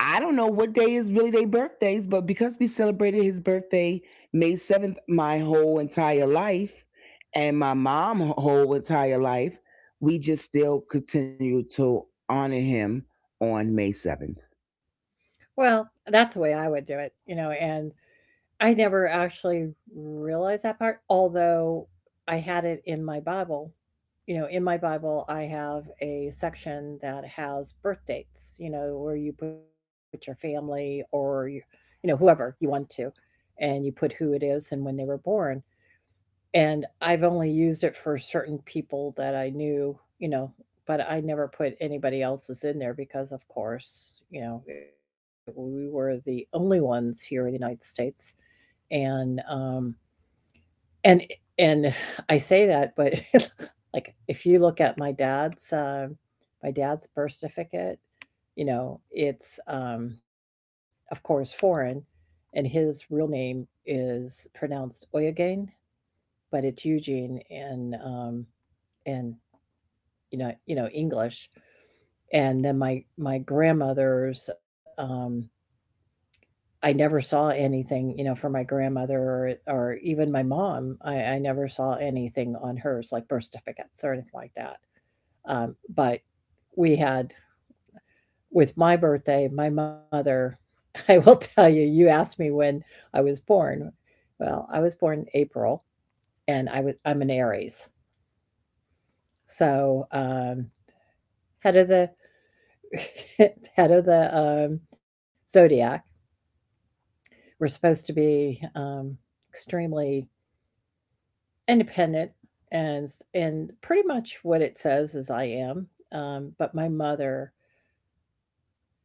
I don't know what day is really their birthdays, but because we celebrated his birthday May 7th my whole entire life and my mom whole entire life, we just still continue to honor him on May 7th. Well, that's the way I would do it, and I never actually realized that part, although I had it in my Bible. In my Bible, I have a section that has birth dates, where you put your family or, whoever you want to, and you put who it is and when they were born. And I've only used it for certain people that I knew, but I never put anybody else's in there because, of course, we were the only ones here in the United States, and and and I say that, but like if you look at my dad's birth certificate, it's, of course, foreign, and his real name is pronounced Oyagain, but it's Eugene in in English. And then my grandmother's. I never saw anything, for my grandmother or even my mom. I never saw anything on hers, like birth certificates or anything like that. Um, but we had with my birthday, my mother. I will tell you, you asked me when I was born. Well, I was born April, and I'm an Aries, so head of the head of the zodiac. We're supposed to be extremely independent, and pretty much what it says is I am, but my mother,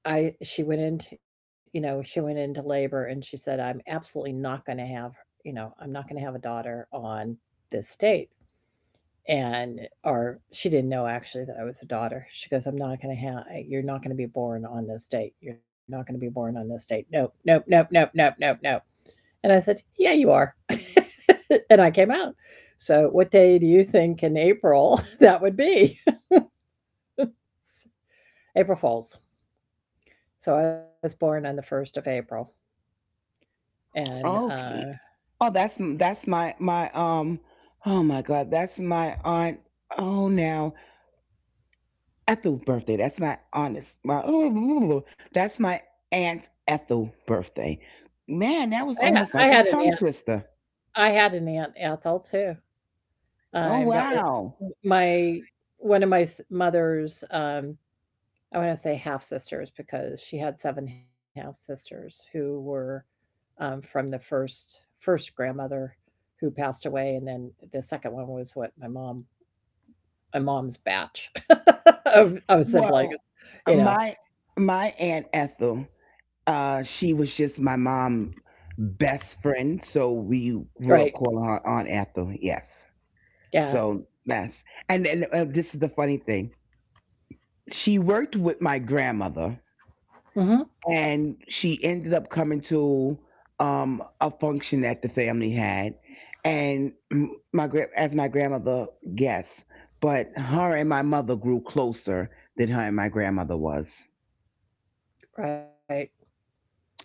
I she went into, she went into labor, and she said, "I'm absolutely not gonna have, I'm not gonna have a daughter on this date." And or she didn't know actually that I was a daughter. She goes, "I'm not gonna have you're not gonna be born on this date. You're not gonna be born on this date. Nope, nope, nope, nope, nope, nope, nope." And I said, "Yeah, you are." And I came out. So, what day do you think in April that would be? April Fools. So, I was born on the 1st of April. And uh, Okay. Oh, that's my my um oh my god, that's my aunt. Oh, now, Ethel's birthday. That's my, honest. My, that's my aunt Ethel birthday. Man, I, that ha- was I almost had like an a aunt. tongue twister. I had an aunt Ethel too. Oh, That wow. was my one of my mother's. I want to say half sisters because she had seven half sisters who were, from the first grandmother who passed away, and then the second one was what my mom's batch of siblings, Well, you know. my my aunt Ethel, she was just my mom' best friend, so we grew Right. up calling her Aunt Ethel. Yes. Yeah. So that's, and then, this is the funny thing. She worked with my grandmother Hmm. and she ended up coming to, a function that the family had, and as my grandmother guessed, but her and my mother grew closer than her and my grandmother was. Right.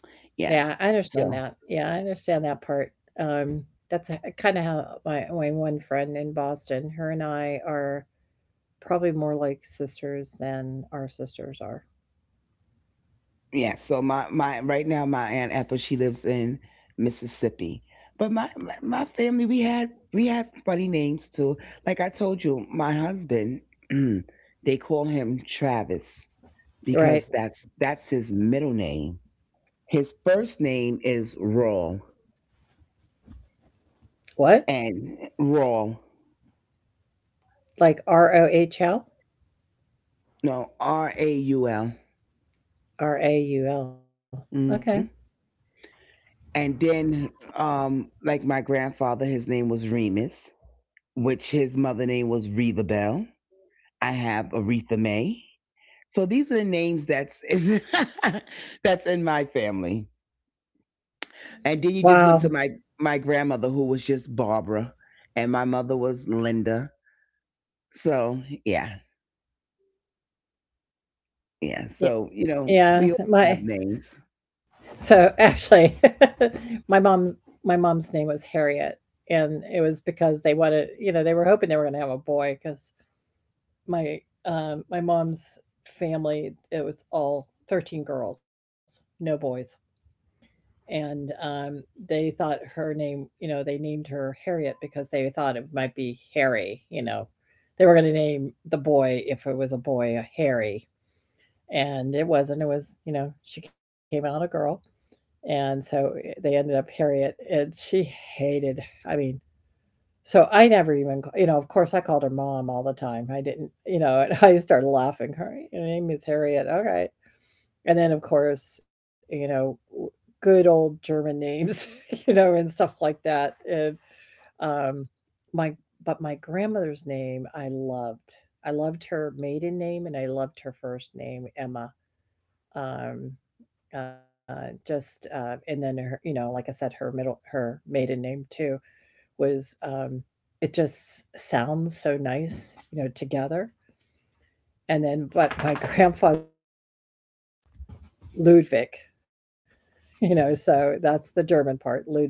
Yeah, I Yes. understand that. So Yeah, I understand that part. Um, that's kind of how my one friend in Boston, her and I are probably more like sisters than our sisters are. yeah, so my right now, my aunt Ethel she lives in Mississippi, but my family, we had, funny names too. Like I told you, my husband they call him Travis Right. because that's his middle name. His first name is Rawl, What? and Rawl, Like ROHL? no, Raul. RAUL. Okay. Mm-hmm. And then, like my grandfather, his name was Remus, which his mother name was Reva Bell. I have Aretha May. So these are the names that's that's in my family. And then you just went to my Wow. my grandmother, who was just Barbara, and my mother was Linda. So yeah. Yeah, so you know, we all Yeah, have my names. so actually, my mom's name was Harriet, and it was because they wanted, they were hoping they were going to have a boy because my mom's family, it was all 13 girls, no boys, and they thought her name, they named her Harriet because they thought it might be Harry. They were going to name the boy, if it was a boy, a Harry, and it wasn't. It was, you know, she came out a girl. And so they ended up Harriet, and she hated. I mean, so I never even, of course, I called her mom all the time. I didn't, and I started laughing. "Her Your name is Harriet, alright." And then, of course, good old German names, and stuff like that, and, um, my but my grandmother's name I loved. I loved her maiden name, and I loved her first name, Emma. Um just, and then her, like I said, her middle her maiden name too was, it just sounds so nice, together. And then but my grandfather Ludwig, so that's the German part, Ludwig,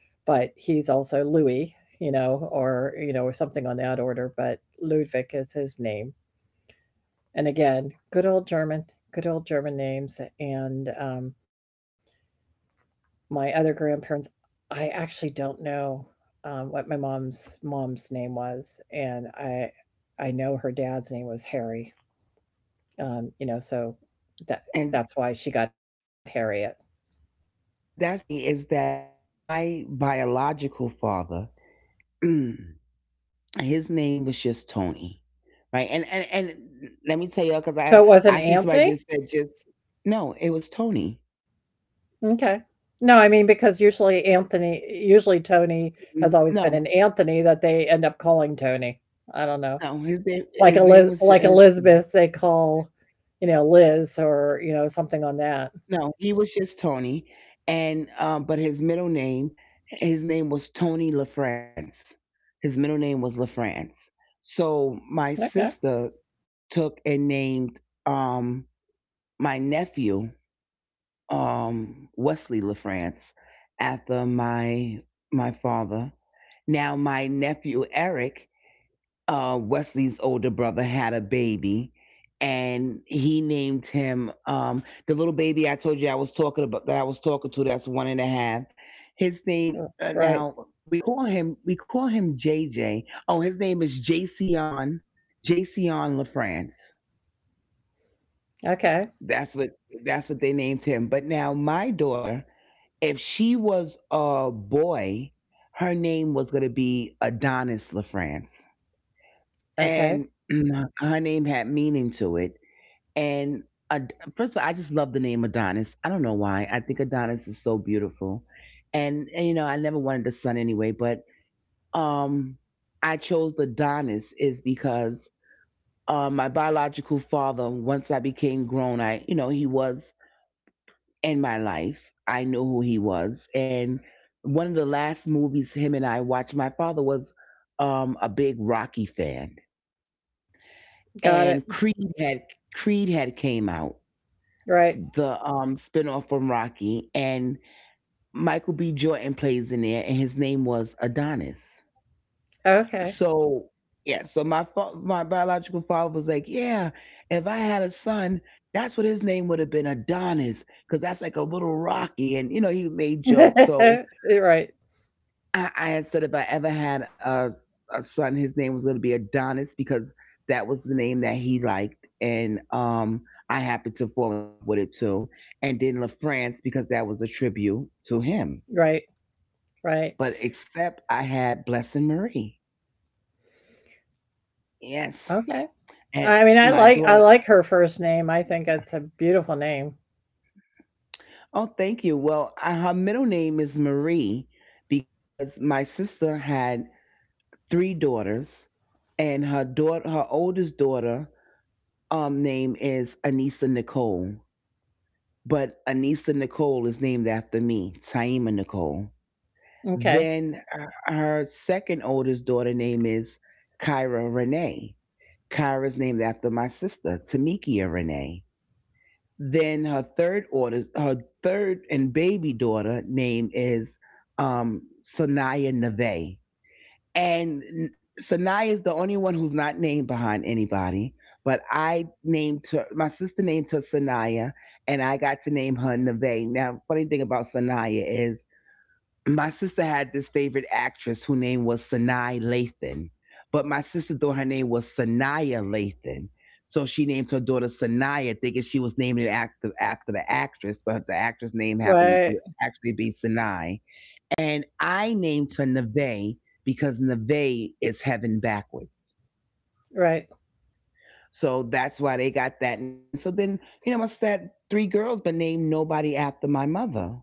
but he's also Louis, or something on that order, but Ludwig is his name. And again, good old German names. And my other grandparents I actually don't know, what my mom's mom's name was, and I know her dad's name was Harry, so that that's And why she got Harriet. That's funny, is that my biological father, his name was just Tony, right? And let me tell y'all, because So I it wasn't I see somebody Anthony? just said, just, no, it was Tony. Okay. No, I mean because usually Anthony, usually Tony has Mm, always been an no, Anthony that they end up calling Tony. I don't know. no, his name Like his Eliz name was like his, Elizabeth they call, you know, Liz or, something on that. no, he was just Tony, and but his middle name, his name was Tony LaFrance. His middle name was LaFrance. So my Okay. sister took and named, um, my nephew, Wesley LaFrance after my father. Now my nephew Eric, Wesley's older brother, had a baby, and he named him, the little baby I told you I was talking about, that I was talking to. That's 1.5. His name, Right. now we call him, JJ. Oh, his name is Jason LaFrance. Okay. That's what, they named him. But now my daughter, if she was a boy, her name was going to be Adonis LaFrance, Okay. and her name had meaning to it. And first of all, I just love the name Adonis. I don't know why. I think Adonis is so beautiful, and, you know, I never wanted a son anyway. But um, I chose Adonis is because, my biological father, once I became grown, I you know he was in my life. I knew who he was. And one of the last movies him and I watched, my father was, a big Rocky fan. Got it. And Creed had came out, Right. the spin from Rocky, and Michael B. Jordan plays in there, and his name was Adonis. Okay. So yeah, so my biological father was like, yeah, if I had a son, that's what his name would have been, Adonis, because that's like a little Rocky, and you know he made jokes. So Right. I had said if I ever had a son, his name was going to be Adonis because that was the name that he liked. And I happened to fall in love with it too. And then LaFrance because that was a tribute to him. Right. Right. But except I had Blessing Marie. Yes. Okay. And I mean, I my like I daughter, like her first name. I think it's a beautiful name. oh, thank you. Well, her middle name is Marie because my sister had three daughters and her oldest daughter name is Anissa Nicole, but Anissa Nicole is named after me, Taima Nicole. Okay. Then her second oldest daughter name is Kyra Renee. Kyra's named after my sister, Tamikia Renee. Then her third and baby daughter name is um, Sanaya Neve. And Sanaya is the only one who's not named behind anybody. But my sister named her Sanaya, and I got to name her Neve. Now, funny thing about Sanaya is my sister had this favorite actress whose name was Sanaa Lathan, but my sister thought her name was Sanaya Lathan. So she named her daughter Sanaya, thinking she was naming it after the actress, but the actress' name Right. happened to actually be Sanai. And I named her Neve because Neve is heaven backwards. Right. So that's why they got that name. And so then, my sister had three girls, but named nobody after my mother.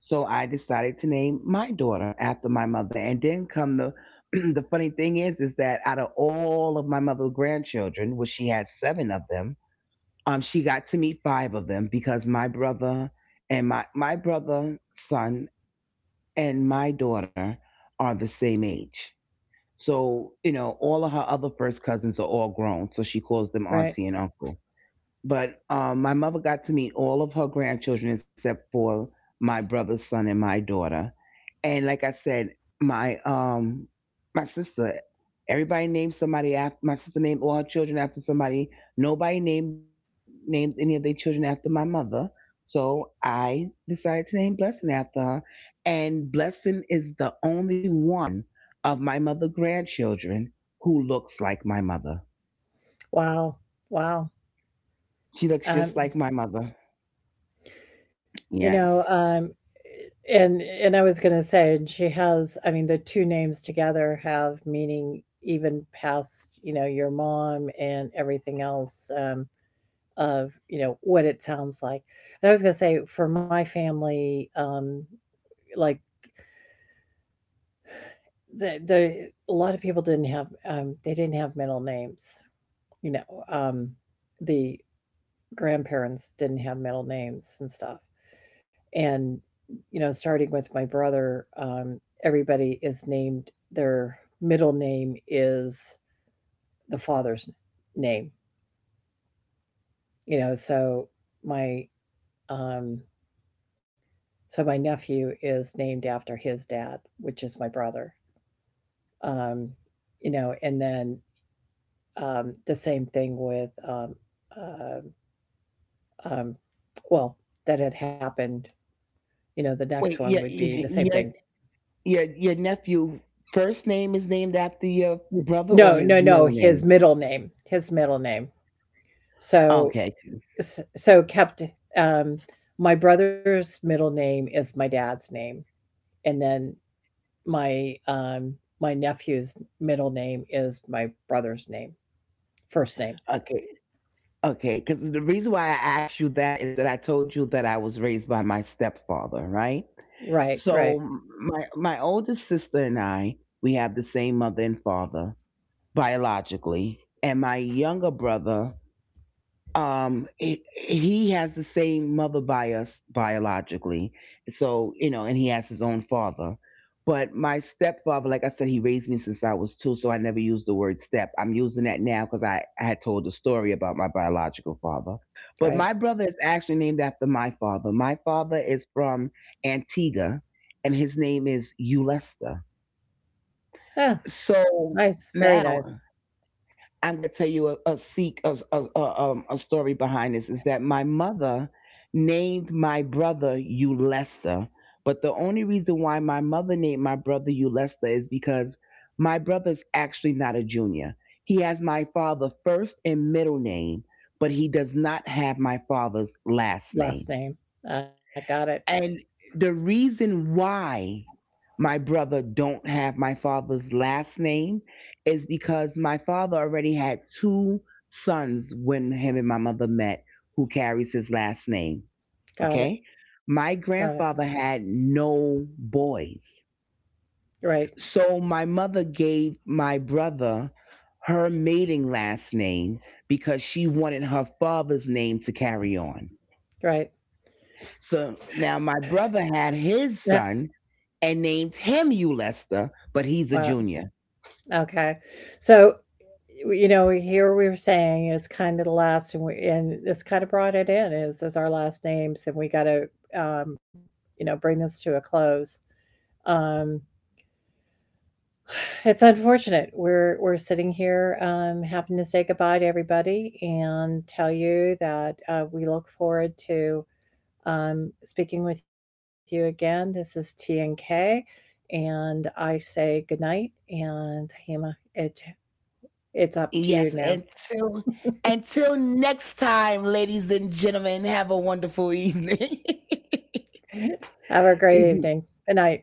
So I decided to name my daughter after my mother. And then come the the funny thing is that out of all of my mother's grandchildren, which she had seven of them, she got to meet five of them because my brother and my brother son and my daughter are the same age. So, all of her other first cousins are all grown. So she calls them Right. auntie and uncle. But my mother got to meet all of her grandchildren except for my brother's son and my daughter, and like I said, my um my sister, my sister named all her children after somebody. Nobody named any of their children after my mother. So I decided to name Blessing after her. And Blessing is the only one of my mother grandchildren who looks like my mother. Wow. Wow. She looks just Um, like my mother. you know, Yes. um, and I was gonna say, and she has. I mean, the two names together have meaning even past, your mom and everything else. Of You know what it sounds like. And I was gonna say for my family, like the a lot of people didn't have, they didn't have middle names. You know, um, the grandparents didn't have middle names and stuff. And, starting with my brother, everybody is named their middle name is the father's name. You know, so my um So my nephew is named after his dad, which is my brother. Um, and then, the same thing with, uh, um, well, that had happened. The next Wait, one would your be the same thing. your your, your nephew first name is named after your brother or No, no, his no. middle His name? middle name. His middle name. So, Okay, so kept. Um, my brother's middle name is my dad's name, and then my nephew's middle name is my brother's name. First name. okay, okay. Because the reason why I asked you that is that I told you that I was raised by my stepfather, right? Right, right, So my oldest sister and I, we have the same mother and father biologically, and my younger brother he has the same mother by us biologically, so and he has his own father. But my stepfather, like I said, he raised me since I was 2, so I never used the word step. I'm using that now because I had told a story about my biological father. But right. my brother is actually named after my father. My father is from Antigua, and his name is Ulester. Ah, So nice, very now nice. I'm going to tell you a seek a story behind this is that my mother named my brother Ulester, but the only reason why my mother named my brother Ulester is because my brother's actually not a junior. He has my father first and middle name, but he does not have my father's last Last name. name. I got it. And the reason why my brother don't have my father's last name is because my father already had two sons when him and my mother met who carries his last name. Got it. Okay? Got it. My grandfather had no boys. Right, So my mother gave my brother her maiden last name because she wanted her father's name to carry on. right. So now my brother had Yeah. his son and named him Ulester, but he's a Wow. junior. Okay. So, here we were saying it's kind of the last, and we and this kind of brought it in is our last names, and we got to, um, bring this to a close. Um, It's unfortunate. We're sitting here, having to say goodbye to everybody and tell you that we look forward to speaking with you again. This is T and K, and I say good night. And Hima, it's up to Yes, you now. until next time, ladies and gentlemen, have a wonderful evening. Have a great evening. Good night.